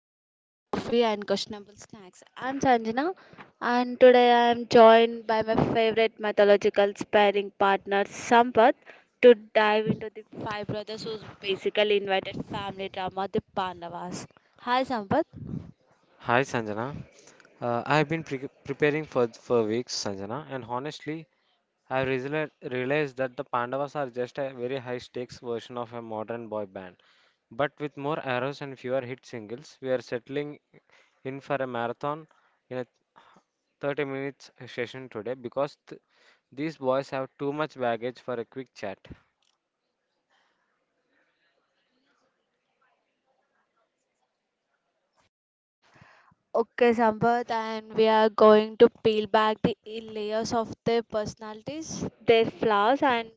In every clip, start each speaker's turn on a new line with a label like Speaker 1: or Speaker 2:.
Speaker 1: over cold coffee and questionable snacks. I'm Sanjana, and today I'm joined by my favorite mythological sparring partner, Sampath, to dive into the five brothers who's basically invited family drama, the Pandavas. Hi, Sampath.
Speaker 2: Hi Sanjana. I have been preparing for weeks, Sanjana, and honestly, I realized that the Pandavas are just a very high-stakes version of a modern boy band, but with more arrows and fewer hit singles. We are settling in for a marathon in a 30 minutes session today because these boys have too much baggage for a quick chat.
Speaker 1: Okay, Sampath, and we are going to peel back the layers of their personalities, their flaws, and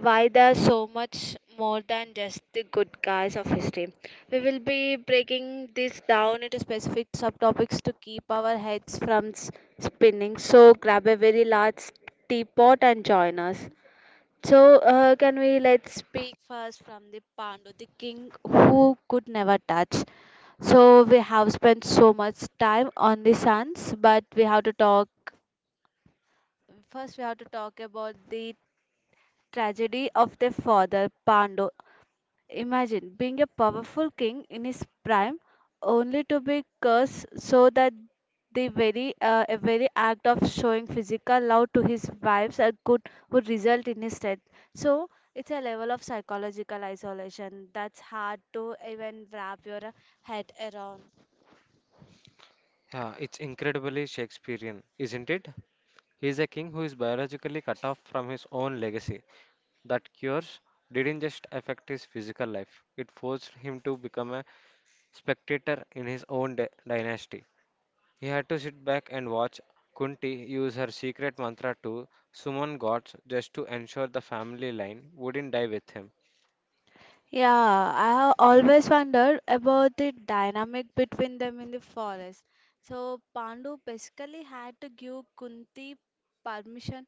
Speaker 1: why they are so much more than just the good guys of history. We will be breaking this down into specific subtopics to keep our heads from spinning. So grab a very large teapot and join us. So, can we let's speak first from the Pandu, the king who could never touch. So, we have spent so much time on the sons, but we have to talk first. We have to talk about the tragedy of the father Pandu. Imagine being a powerful king in his prime, only to be cursed so that the very a very act of showing physical love to his wives could would result in his death. So it's a level of psychological isolation that's hard to even wrap your head around.
Speaker 2: Yeah, it's incredibly Shakespearean, isn't it? He's a king who is biologically cut off from his own legacy. That cures didn't just affect his physical life, it forced him to become a spectator in his own dynasty. He had to sit back and watch Kunti use her secret mantra to summon gods just to ensure the family line wouldn't die with him.
Speaker 1: Yeah, I have always wondered about the dynamic between them in the forest. So permission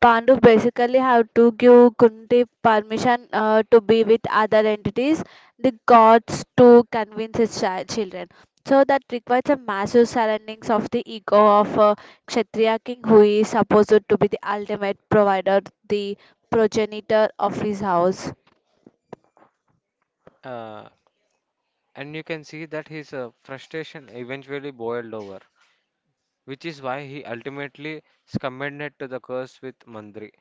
Speaker 1: Pandu basically have to give Kunti permission to be with other entities, the gods to convince his children. So that requires a massive surroundings of the ego of a Kshatriya king who is supposed to be the ultimate provider, the progenitor of his house.
Speaker 2: Uh, and you can see that his frustration eventually boiled over, which is why he ultimately succumbed to the curse with Mandri.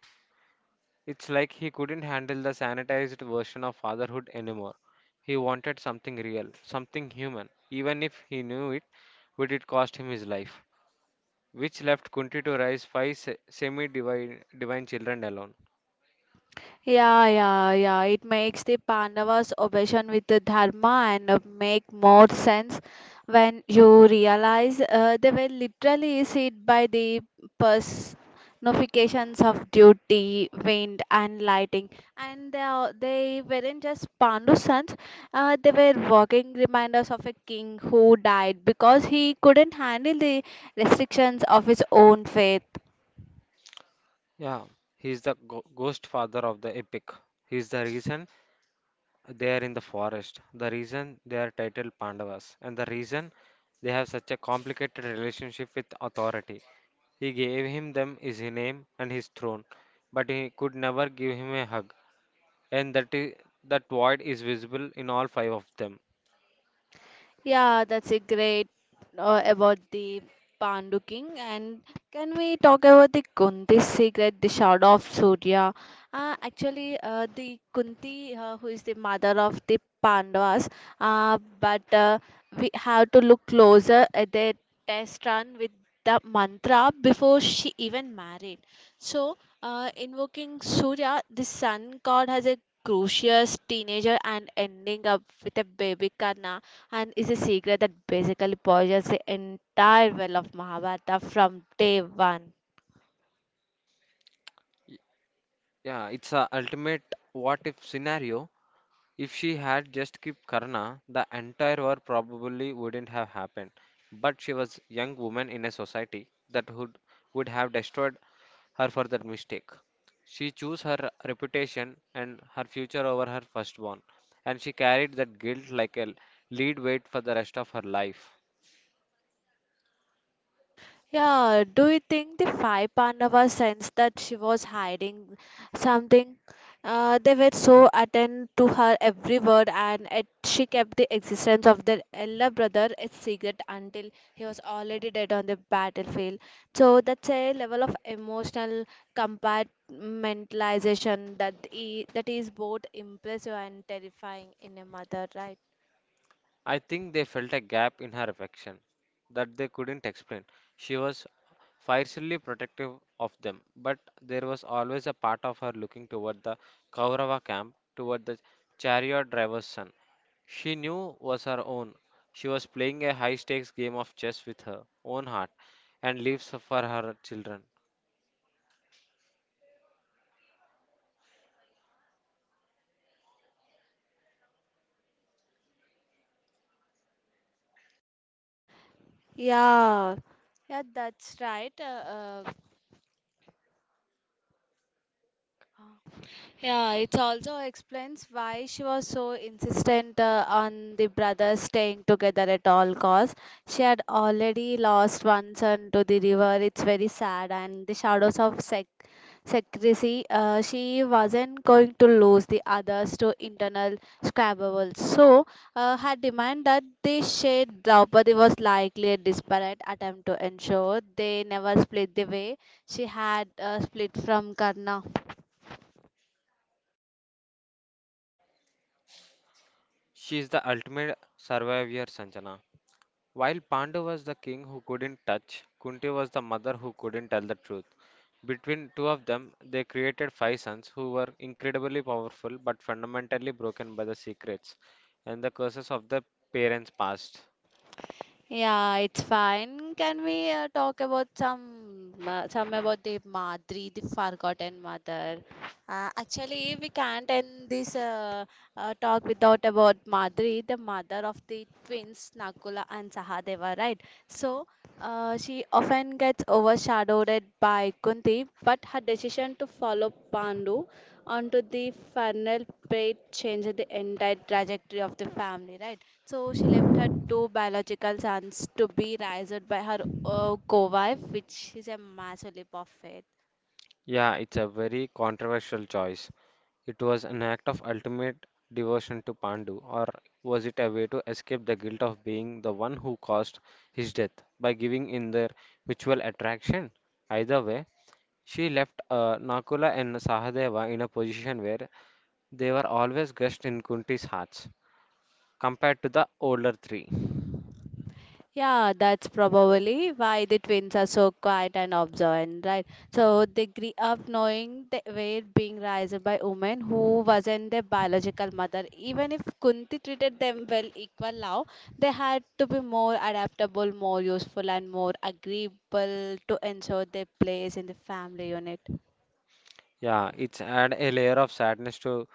Speaker 2: It's like he couldn't handle the sanitized version of fatherhood anymore. He wanted something real, something human, even if he knew it would it cost him his life, which left Kunti to raise five semi-divine divine children alone.
Speaker 1: Yeah, yeah, yeah. It makes the Pandavas' obsession with the dharma and make more sense when you realize they were literally seized by the personifications of duty, wind, and lighting. And they weren't just Pandu sons, they were walking reminders of a king who died because he couldn't handle the restrictions of his own faith.
Speaker 2: Yeah, he's the ghost father of the epic. He's the reason they are in the forest. The reason they are titled Pandavas and the reason they have such a complicated relationship with authority. He gave him them is his name and his throne, but he could never give him a hug. And that is, that void is visible in all five of them.
Speaker 1: Yeah, that's a great about the Pandu king. And can we talk about the Kunti secret, the shadow of Surya? Actually, the Kunti, who is the mother of the Pandavas, but we have to look closer at their test run with the mantra before she even married. So, invoking Surya, the sun god, has a crucial teenager and ending up with a baby Karna and is a secret that basically poisons the entire well of Mahabharata from day one.
Speaker 2: Yeah, it's a ultimate what if scenario. If she had just kept Karna, the entire war probably wouldn't have happened. But she was a young woman in a society that would have destroyed her for that mistake. She chose her reputation and her future over her firstborn, and she carried that guilt like a lead weight for the rest of her life.
Speaker 1: Yeah, do you think the five Pandavas sensed that she was hiding something? They were so attentive to her every word, and yet she kept the existence of their elder brother a secret until he was already dead on the battlefield. So that's a level of emotional compartmentalization that that is both impressive and terrifying in a mother, right?
Speaker 2: I think they felt a gap in her affection that they couldn't explain. She was fiercely protective of them, but there was always a part of her looking toward the Kaurava camp, toward the chariot driver's son. She knew was her own. She was playing a high stakes game of chess with her own heart and lives for her children.
Speaker 1: Yeah, yeah, that's right. Yeah, it also explains why she was so insistent on the brothers staying together at all costs. She had already lost one son to the river. It's very sad, and the shadows of secrecy. She wasn't going to lose the others to internal squabbles. So, her demand that they share Draupadi was likely a desperate attempt to ensure they never split the way she had split from Karna.
Speaker 2: She is the ultimate survivor, Sanjana. While Pandu was the king who couldn't touch, Kunti was the mother who couldn't tell the truth. Between two of them, they created five sons who were incredibly powerful but fundamentally broken by the secrets and the curses of their parents' past.
Speaker 1: Yeah, it's fine. Can we talk about some about the Madri, the forgotten mother? Actually, we can't end this talk without about Madri, the mother of the twins Nakula and Sahadeva, right? So, she often gets overshadowed by Kunti, but her decision to follow Pandu onto the final plate changed the entire trajectory of the family, right? So she left her two biological sons to be raised by her co-wife, which is a massive leap of faith.
Speaker 2: Yeah, it's a very controversial choice. It was an act of ultimate devotion to Pandu, or was it a way to escape the guilt of being the one who caused his death by giving in their mutual attraction? Either way, she left Nakula and Sahadeva in a position where they were always guest in Kunti's hearts compared to the older three.
Speaker 1: Yeah, that's probably why the twins are so quiet and observant, right? So they grew up knowing they were being raised by women who wasn't their biological mother. Even if Kunti treated them well, equal love, they had to be more adaptable, more useful, and more agreeable to ensure their place in the family unit.
Speaker 2: Yeah, it's add a layer of sadness to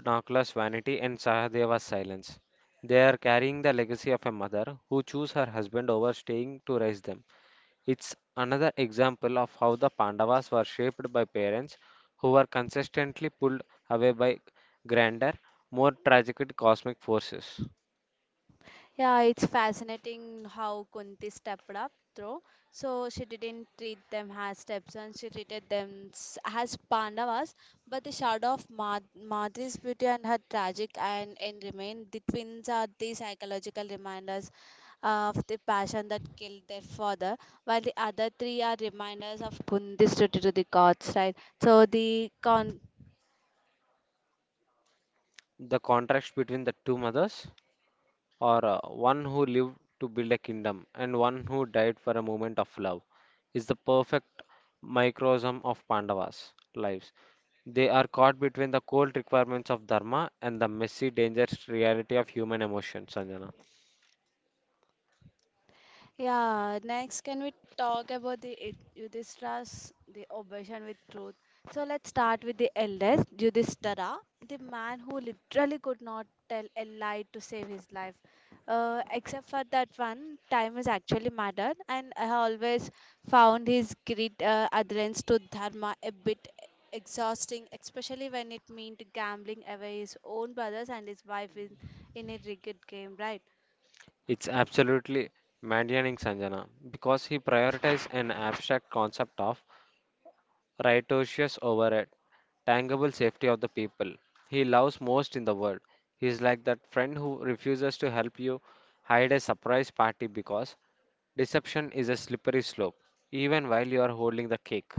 Speaker 2: Nakula's vanity and Sahadeva's silence. They are carrying the legacy of a mother who chose her husband over staying to raise them. It's another example of how the Pandavas were shaped by parents who were consistently pulled away by grander, more tragic cosmic forces.
Speaker 1: Yeah, it's fascinating how Kunti stepped up though. So she didn't treat them as stepsons, she treated them as Pandavas. But the shadow of Madri's beauty and her tragic and end remain. The twins are the psychological reminders of the passion that killed their father, while the other three are reminders of Kunti's duty to the gods, right?
Speaker 2: The contrast between the two mothers or one who lived to build a kingdom and one who died for a moment of love is the perfect microcosm of Pandavas' lives. They are caught between the cold requirements of dharma and the messy, dangerous reality of human emotion, Sanjana.
Speaker 1: Yeah, next, can we talk about the Yudhishthira's the obsession with truth? So let's start with the eldest, Yudhishthira, the man who literally could not tell a lie to save his life. Except for that one, time is actually mattered, and I always found his great adherence to dharma a bit exhausting, especially when it meant gambling away his own brothers and his wife in a rigged game, right?
Speaker 2: It's absolutely maddening, Sanjana, because he prioritized an abstract concept of righteous overhead, tangible safety of the people he loves most in the world. He is like that friend who refuses to help you hide a surprise party because deception is a slippery slope, even while you are holding the cake.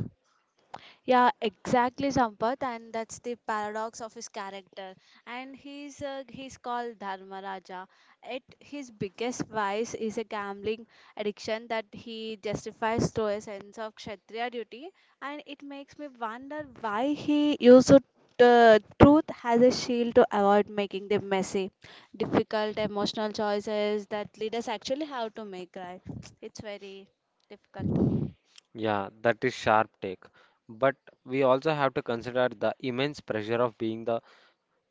Speaker 1: Yeah, exactly, Sampath, and that's the paradox of his character. And he's called Dharmaraja. At his biggest vice is a gambling addiction that he justifies through a sense of kshatriya duty, and it makes me wonder why he used truth as a shield to avoid making the messy, difficult emotional choices that leaders actually have to make. Right? It's very difficult.
Speaker 2: Yeah, that is sharp take. But we also have to consider the immense pressure of being the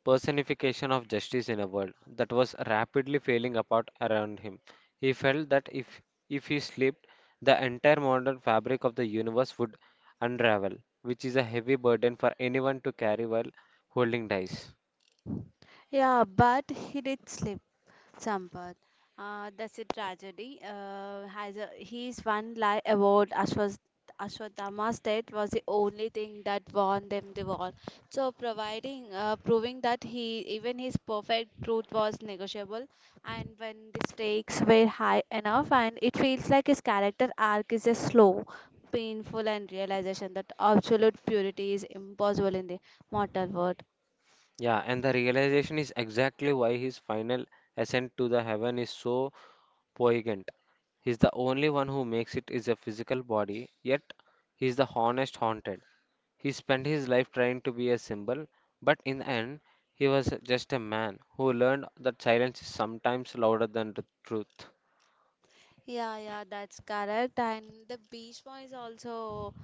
Speaker 2: personification of justice in a world that was rapidly falling apart around him. He felt that if he slept, the entire modern fabric of the universe would unravel, which is a heavy burden for anyone to carry while holding dice.
Speaker 1: Yeah, but he did slip. Sampath. That's a tragedy. His one lie about Ashwatthama state was the only thing that won them the war. So, providing proving that he even his perfect truth was negotiable, and when the stakes were high enough, and it feels like his character arc is a slow, painful, and realization that absolute purity is impossible in the mortal world.
Speaker 2: Yeah, and the realization is exactly why his final ascent to the heaven is so poignant. He's the only one who makes it is a physical body, yet he's the honest haunted. He spent his life trying to be a symbol, but in the end, he was just a man who learned that silence is sometimes louder than the truth.
Speaker 1: Yeah, yeah, that's correct. And the Bhishma is also.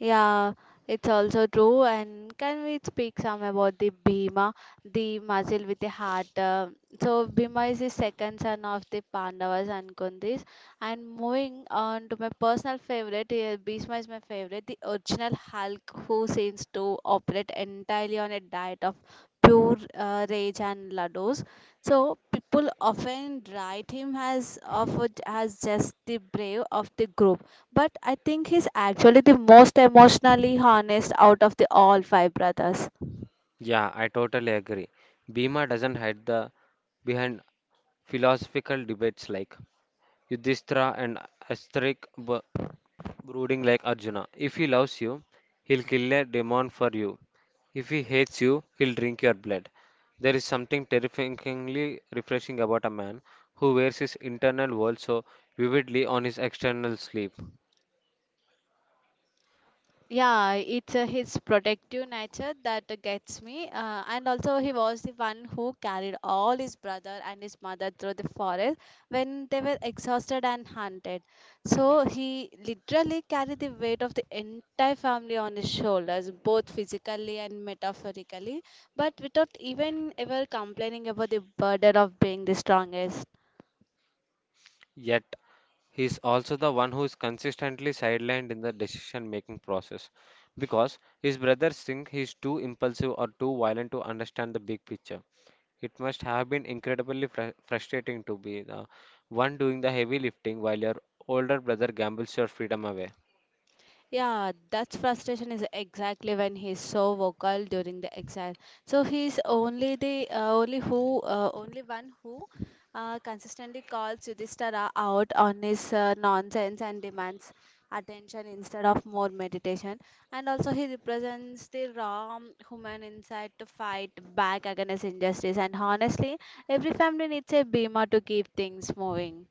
Speaker 1: Yeah, it's also true. And can we speak some about the Bhima, the muscle with the heart? So Bhima is the second son of the Pandavas and Kundis. And moving on to my personal favorite, Bhishma is my favorite, the original Hulk who seems to operate entirely on a diet of pure rage and laddus. So people often write him as of as just the brave of the group, but I think he's actually the most emotionally honest out of the all five brothers.
Speaker 2: Yeah, I totally agree. Bhima doesn't hide the behind philosophical debates like Yudhishthira and Asterix b- brooding like Arjuna. If he loves you, he'll kill a demon for you. If he hates you, he'll drink your blood. There is something terrifyingly refreshing about a man who wears his internal world so vividly on his external sleeve.
Speaker 1: Yeah, it's his protective nature that gets me. And also, he was the one who carried all his brother and his mother through the forest when they were exhausted and hunted. So, he literally carried the weight of the entire family on his shoulders, both physically and metaphorically, but without even ever complaining about the burden of being the strongest.
Speaker 2: Yet, he is also the one who is consistently sidelined in the decision making process because his brothers think he is too impulsive or too violent to understand the big picture. It must have been incredibly frustrating to be the one doing the heavy lifting while your older brother gambles your freedom away.
Speaker 1: Yeah, that frustration is exactly when he's so vocal during the exile. So he's only one who consistently calls Yudhishthira out on his nonsense and demands attention instead of more meditation. And also he represents the raw human inside to fight back against injustice. And honestly, every family needs a Bhima to keep things moving.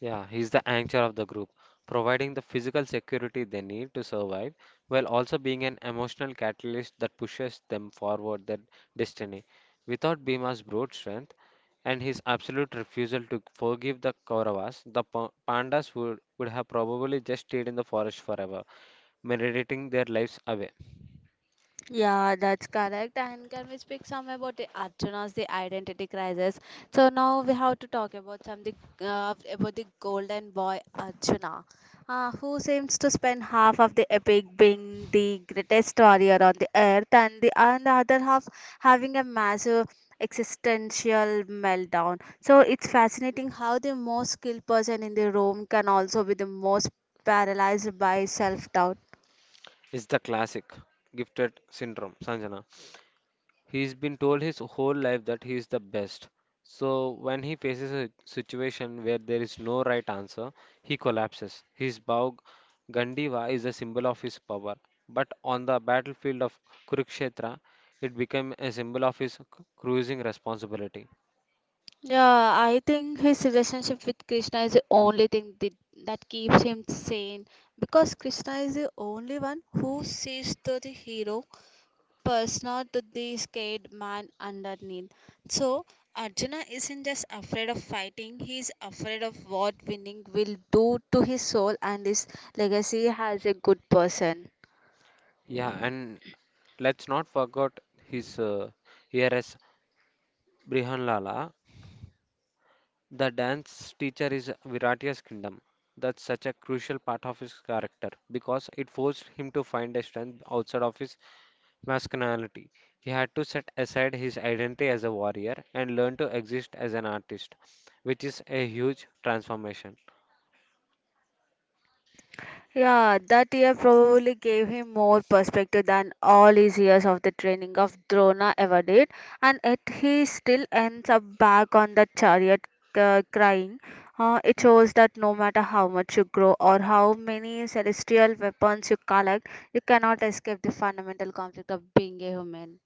Speaker 2: Yeah, he's the anchor of the group, providing the physical security they need to survive while also being an emotional catalyst that pushes them forward their destiny. Without Bhima's brute strength and his absolute refusal to forgive the Kauravas, the Pandas would have probably just stayed in the forest forever, meditating their lives away.
Speaker 1: Yeah, that's correct. And can we speak some about the Arjuna's the identity crisis? So now we have to talk about something about the golden boy Arjuna, who seems to spend half of the epic being the greatest warrior on the earth, and the other half having a massive existential meltdown. So it's fascinating how the most skilled person in the room can also be the most paralyzed by self doubt.
Speaker 2: Is the classic gifted syndrome, Sanjana. He's been told his whole life that he is the best. So when he faces a situation where there is no right answer, he collapses. His Bhav Gandiva is a symbol of his power. But on the battlefield of Kurukshetra, it became a symbol of his cruising responsibility.
Speaker 1: Yeah, I think his relationship with Krishna is the only thing that keeps him sane because Krishna is the only one who sees to the hero persona to the scared man underneath. So Arjuna isn't just afraid of fighting, he's afraid of what winning will do to his soul and his legacy as a good person.
Speaker 2: Yeah, and let's not forget his heir as Brihanlala. The dance teacher is Viratya's kingdom. That's such a crucial part of his character because it forced him to find a strength outside of his masculinity. He had to set aside his identity as a warrior and learn to exist as an artist, which is a huge transformation.
Speaker 1: Yeah, that year probably gave him more perspective than all his years of the training of Drona ever did, and yet he still ends up back on that chariot crying. It shows that no matter how much you grow or how many celestial weapons you collect, you cannot escape the fundamental conflict of being a human.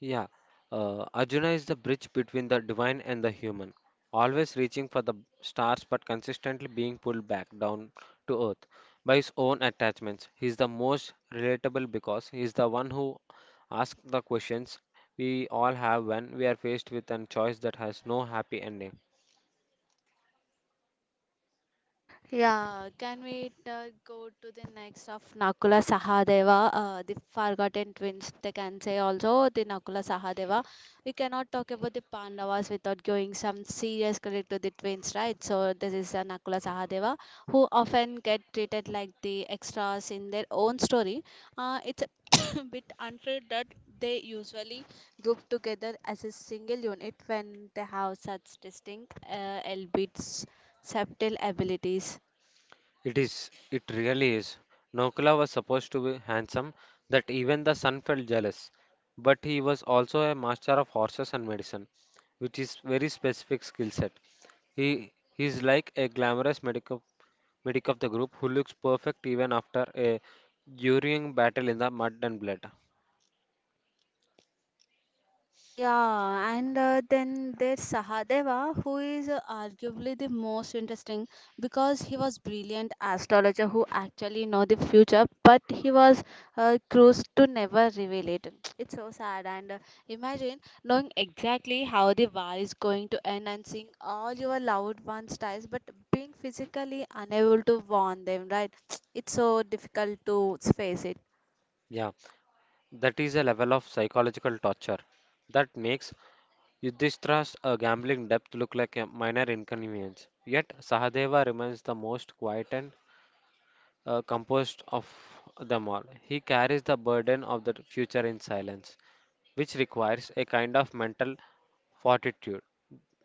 Speaker 2: Yeah, Arjuna is the bridge between the divine and the human, always reaching for the stars but consistently being pulled back down to earth by his own attachments. He is the most relatable because he is the one who asks the questions we all have when we are faced with a choice that has no happy ending.
Speaker 1: Yeah, can we go to the next of Nakula Sahadeva, the forgotten twins? They can say also the Nakula Sahadeva. We cannot talk about the Pandavas without giving some serious credit to the twins, right? So this is Nakula Sahadeva, who often get treated like the extras in their own story. It's a bit unfair that they usually group together as a single unit when they have such distinct, albeit subtle abilities.
Speaker 2: It is. It really is. Nokula was supposed to be handsome that even the son felt jealous. But he was also a master of horses and medicine, which is very specific skill set. He he's like a glamorous medic of the group who looks perfect even after a during battle in the mud and blood.
Speaker 1: Yeah, and then there's Sahadeva, who is arguably the most interesting because he was brilliant astrologer who actually know the future, but he was cursed to never reveal it. It's so sad. And Imagine knowing exactly how the war is going to end and seeing all your loved ones dies, but being physically unable to warn them, right? It's so difficult to face it.
Speaker 2: Yeah, that is a level of psychological torture that makes Yudhishthira's gambling debt look like a minor inconvenience, yet Sahadeva remains the most quiet and composed of them all. He carries the burden of the future in silence, which requires a kind of mental fortitude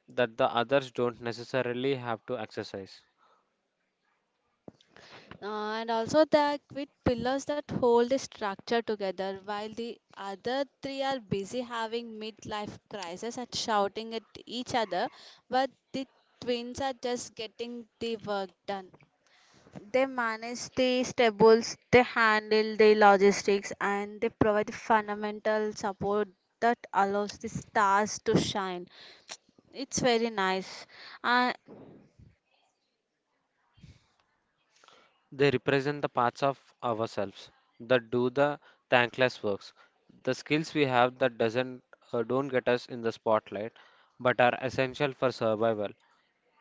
Speaker 2: that the others don't necessarily have to exercise.
Speaker 1: Uh, and also the with pillars that hold the structure together while the other three are busy having midlife crisis and shouting at each other but the twins are just getting the work done. They manage the stables, they handle the logistics, and they provide the fundamental support that allows the stars to shine. It's very nice. Uh,
Speaker 2: They represent the parts of ourselves that do the thankless works, the skills we have that doesn't don't get us in the spotlight, but are essential for survival.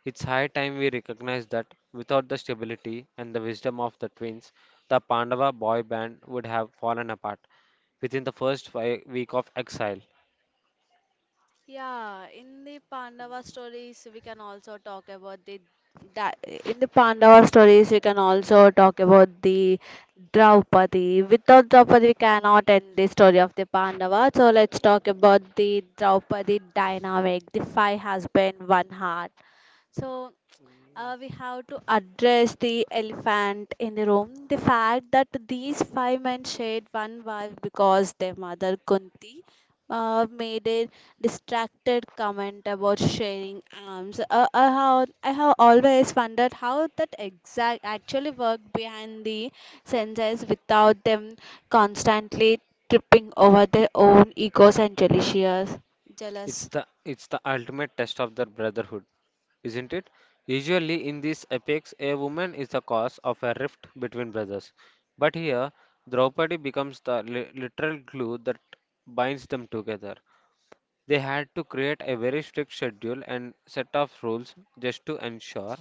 Speaker 2: It's high time we recognize that without the stability and the wisdom of the twins, the Pandava boy band would have fallen apart within the first 5 week of exile.
Speaker 1: Yeah, in the Pandava stories, we can also talk about the that in the Pandava stories, we can also talk about the Draupadi. Without Draupadi, we cannot end the story of the Pandava. So let's talk about the Draupadi dynamic, the five husband, one heart. So we have to address the elephant in the room the fact that these five men shared one wife because their mother Kunti made a distracted comment about sharing arms. I have always wondered how that exact actually worked behind the senses without them constantly tripping over their own egos and jealousies.
Speaker 2: It's
Speaker 1: Jealous.
Speaker 2: the it's the ultimate test of their brotherhood, isn't it? Usually in these epics, a woman is the cause of a rift between brothers, but here Draupadi becomes the literal glue that binds them together. They had to create a very strict schedule and set of rules just to ensure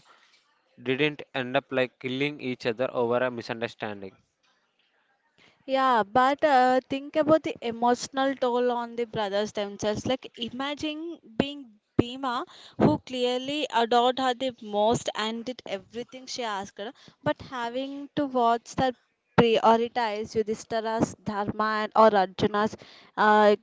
Speaker 2: didn't end up like killing each other over a misunderstanding.
Speaker 1: Yeah, but think about the emotional toll on the brothers themselves. Like, imagine being Bhima, who clearly adored her the most and did everything she asked, but having to watch her prioritize Yudhishthira's dharma and, or Arjuna's uh,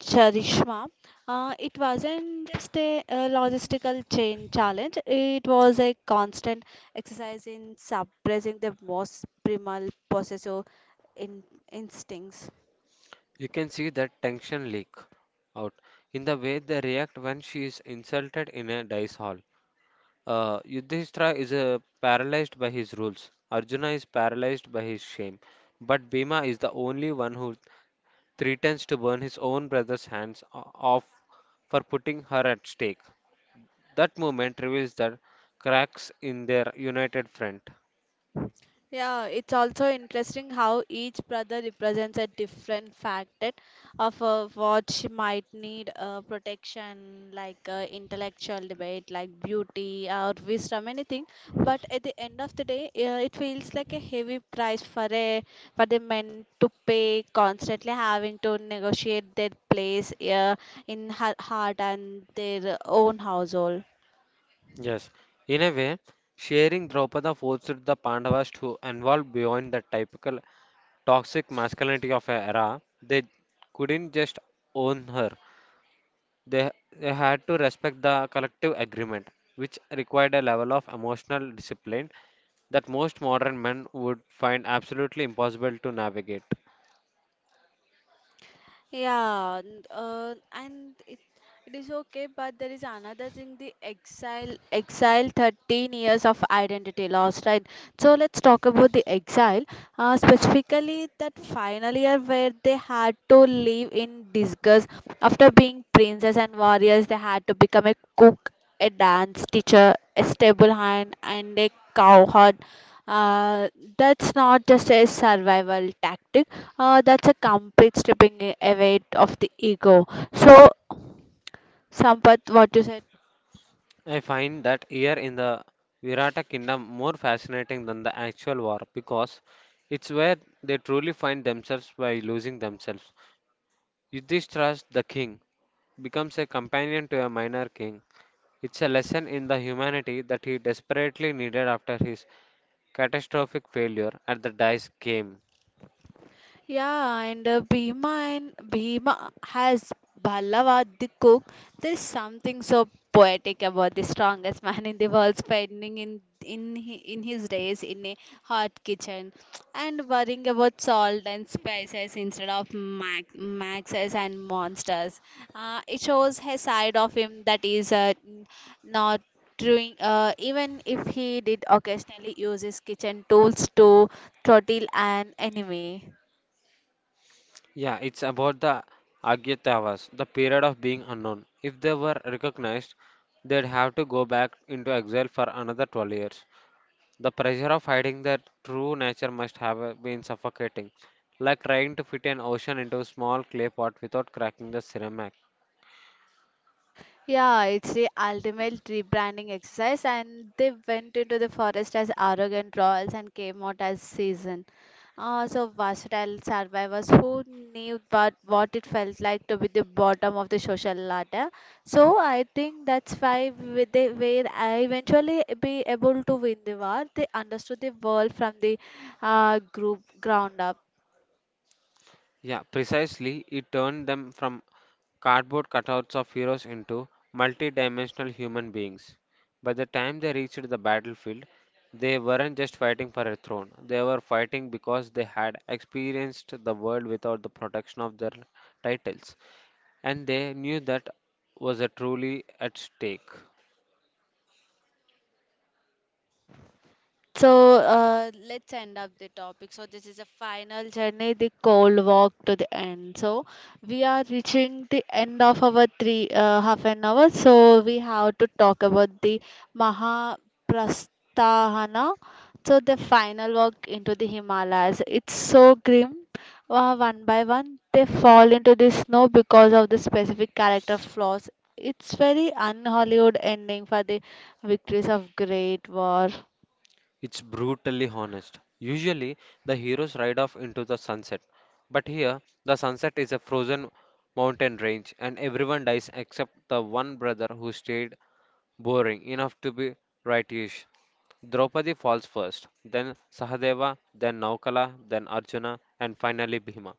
Speaker 1: Charishma, it wasn't just a logistical chain challenge. It was a constant exercise in suppressing the most primal possessive in instincts.
Speaker 2: You can see that tension leak out in the way they react when she is insulted in a dice hall. Yudhishthira is paralyzed by his rules. Arjuna is paralyzed by his shame. But Bhima is the only one who threatens to burn his own brother's hands off for putting her at stake. That moment reveals the cracks in their united front.
Speaker 1: Yeah, it's also interesting how each brother represents a different facet of what she might need protection, like intellectual debate, like beauty or wisdom, anything. But at the end of the day, it feels like a heavy price for a for the men to pay, constantly having to negotiate their place in her heart and their own household.
Speaker 2: Yes, in a way, sharing Draupada forced the Pandavas to evolve beyond the typical toxic masculinity of an era. They couldn't just own her, they, they had to respect the collective agreement, which required a level of emotional discipline that most modern men would find absolutely impossible to navigate.
Speaker 1: Yeah, and it is okay, but there is another thing, the exile 13 years of identity lost, right? So let's talk about the exile, specifically that final year where they had to live in disguise. After being princes and warriors, they had to become a cook, a dance teacher, a stable hand, and a cowherd. Uh, that's not just a survival tactic, that's a complete stripping away of the ego. So, Sampath, what you said?
Speaker 2: I find that year in the Virata kingdom more fascinating than the actual war because it's where they truly find themselves by losing themselves. Yudhishthira's the king becomes a companion to a minor king. It's a lesson in the humanity that he desperately needed after his catastrophic failure at the dice game.
Speaker 1: Yeah, and Bhima has Ballava the cook. There's something so poetic about the strongest man in the world spending in his days in a hot kitchen and worrying about salt and spices instead of maxes and monsters. It shows a side of him that is not doing even if he did occasionally use his kitchen tools to throttle an enemy.
Speaker 2: Yeah, it's about the Agyatavas, the period of being unknown. If they were recognized, they'd have to go back into exile for another 12 years. The pressure of hiding their true nature must have been suffocating, like trying to fit an ocean into a small clay pot without cracking the ceramic.
Speaker 1: Yeah, it's the ultimate rebranding exercise, and they went into the forest as arrogant royals and came out as seasoned. So versatile survivors who knew what it felt like to be the bottom of the social ladder. So I think that's why they were eventually be able to win the war. They understood the world from the group ground up.
Speaker 2: Yeah, precisely. It turned them from cardboard cutouts of heroes into multi dimensional human beings. By the time they reached the battlefield, they weren't just fighting for a throne, they were fighting because they had experienced the world without the protection of their titles, and they knew that was a truly at stake.
Speaker 1: So let's end up the topic. So this is a final journey, the cold walk to the end. So we are reaching the end of our three half an hour. So we have to talk about the Mahaprasthana. So the final walk into the Himalayas. It's so grim. One by one, they fall into the snow because of the specific character flaws. It's very un-Hollywood ending for the victories of Great War.
Speaker 2: It's brutally honest. Usually, the heroes ride off into the sunset, but here, the sunset is a frozen mountain range, and everyone dies except the one brother who stayed boring enough to be righteous. Draupadi falls first, then Sahadeva, then Naukala, then Arjuna, and finally Bhima.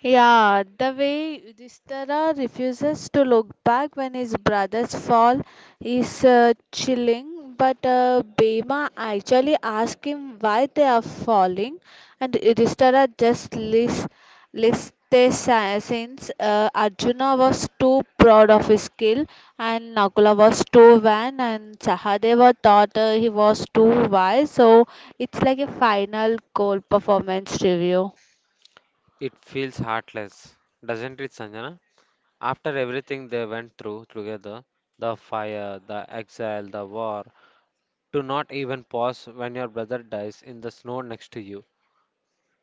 Speaker 1: Yeah, the way Yudhishthira refuses to look back when his brothers fall is chilling. But Bhima actually asks him why they are falling, and Yudhishthira just lists their sins. Arjuna was too proud of his skill, and Nakula was too vain, and Sahadeva thought he was too wise. So it's like a final goal performance review.
Speaker 2: It feels heartless, doesn't it, Sanjana? After everything they went through together, the fire, the exile, the war, do not even pause when your brother dies in the snow next to you.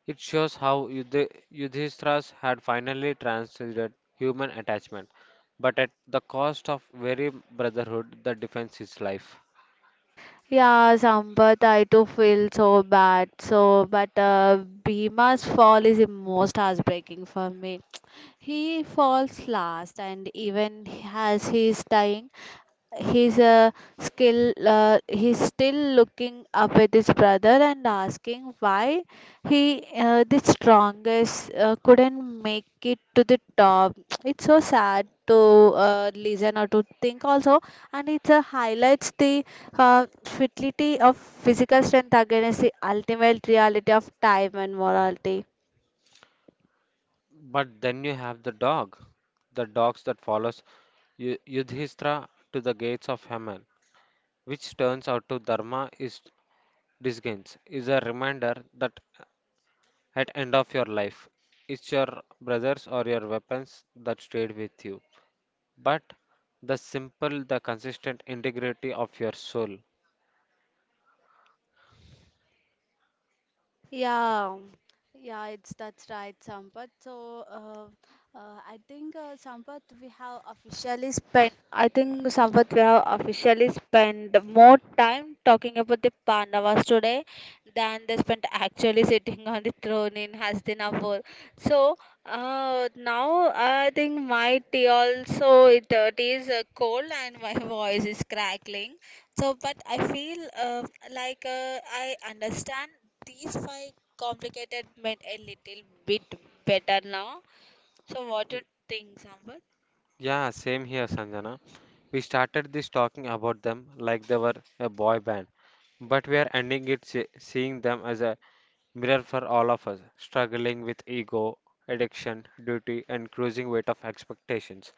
Speaker 2: It shows how Yudhishthira's had finally transcended human attachment, but at the cost of very brotherhood that defends his life.
Speaker 1: Yeah, Sampath, I too feel so bad. So, but Bhima's fall is the most heartbreaking for me. He falls last, and even as he is dying, He's a skill. He's still looking up at his brother and asking why he, the strongest, couldn't make it to the top. It's so sad to listen or to think also, and it highlights the futility of physical strength against the ultimate reality of time and morality.
Speaker 2: But then you have the dog, the dogs that follows Yudhishthira to the gates of Haman, which turns out to Dharma is disgains, is a reminder that at end of your life, it's your brothers or your weapons that stayed with you. But the simple, the consistent integrity of your soul.
Speaker 1: Yeah, yeah, it's that's right, Sampath. So, I think Sampath, we have officially spent. I think Sampath, we have officially spent more time talking about the Pandavas today than they spent actually sitting on the throne in Hastinapur. So, now I think my tea also it is cold and my voice is crackling. So, but I feel like uh, I understand these five complicated made a little bit better now. So, what do you think, Sambar?
Speaker 2: Yeah, same here, Sanjana. We started this talking about them like they were a boy band, but we are ending it seeing them as a mirror for all of us, struggling with ego, addiction, duty, and cruising weight of expectations.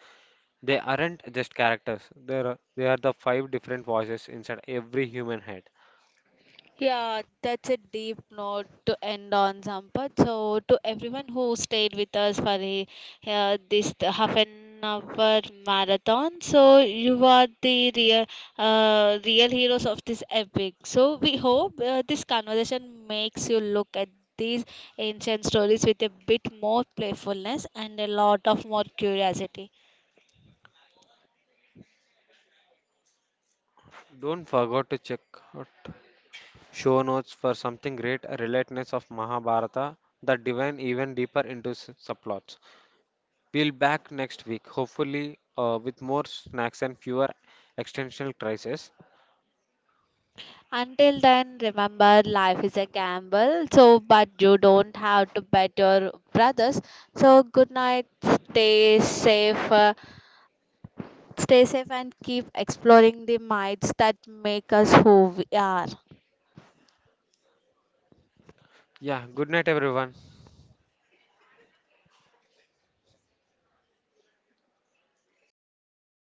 Speaker 2: They aren't just characters, they are the five different voices inside every human head.
Speaker 1: Yeah, that's a deep note to end on, Sampath. So, to everyone who stayed with us for this half an hour marathon, so you are the real heroes of this epic. So, we hope this conversation makes you look at these ancient stories with a bit more playfulness and a lot of more curiosity.
Speaker 2: Don't forget to check out show notes for something great, a relatedness of Mahabharata that divine even deeper into subplots. We'll back next week, hopefully with more snacks and fewer existential crises.
Speaker 1: Until then, remember life is a gamble, so but you don't have to bet your brothers. So good night, stay safe, uh, stay safe and keep exploring the minds that make us who we are.
Speaker 2: Yeah, good night everyone.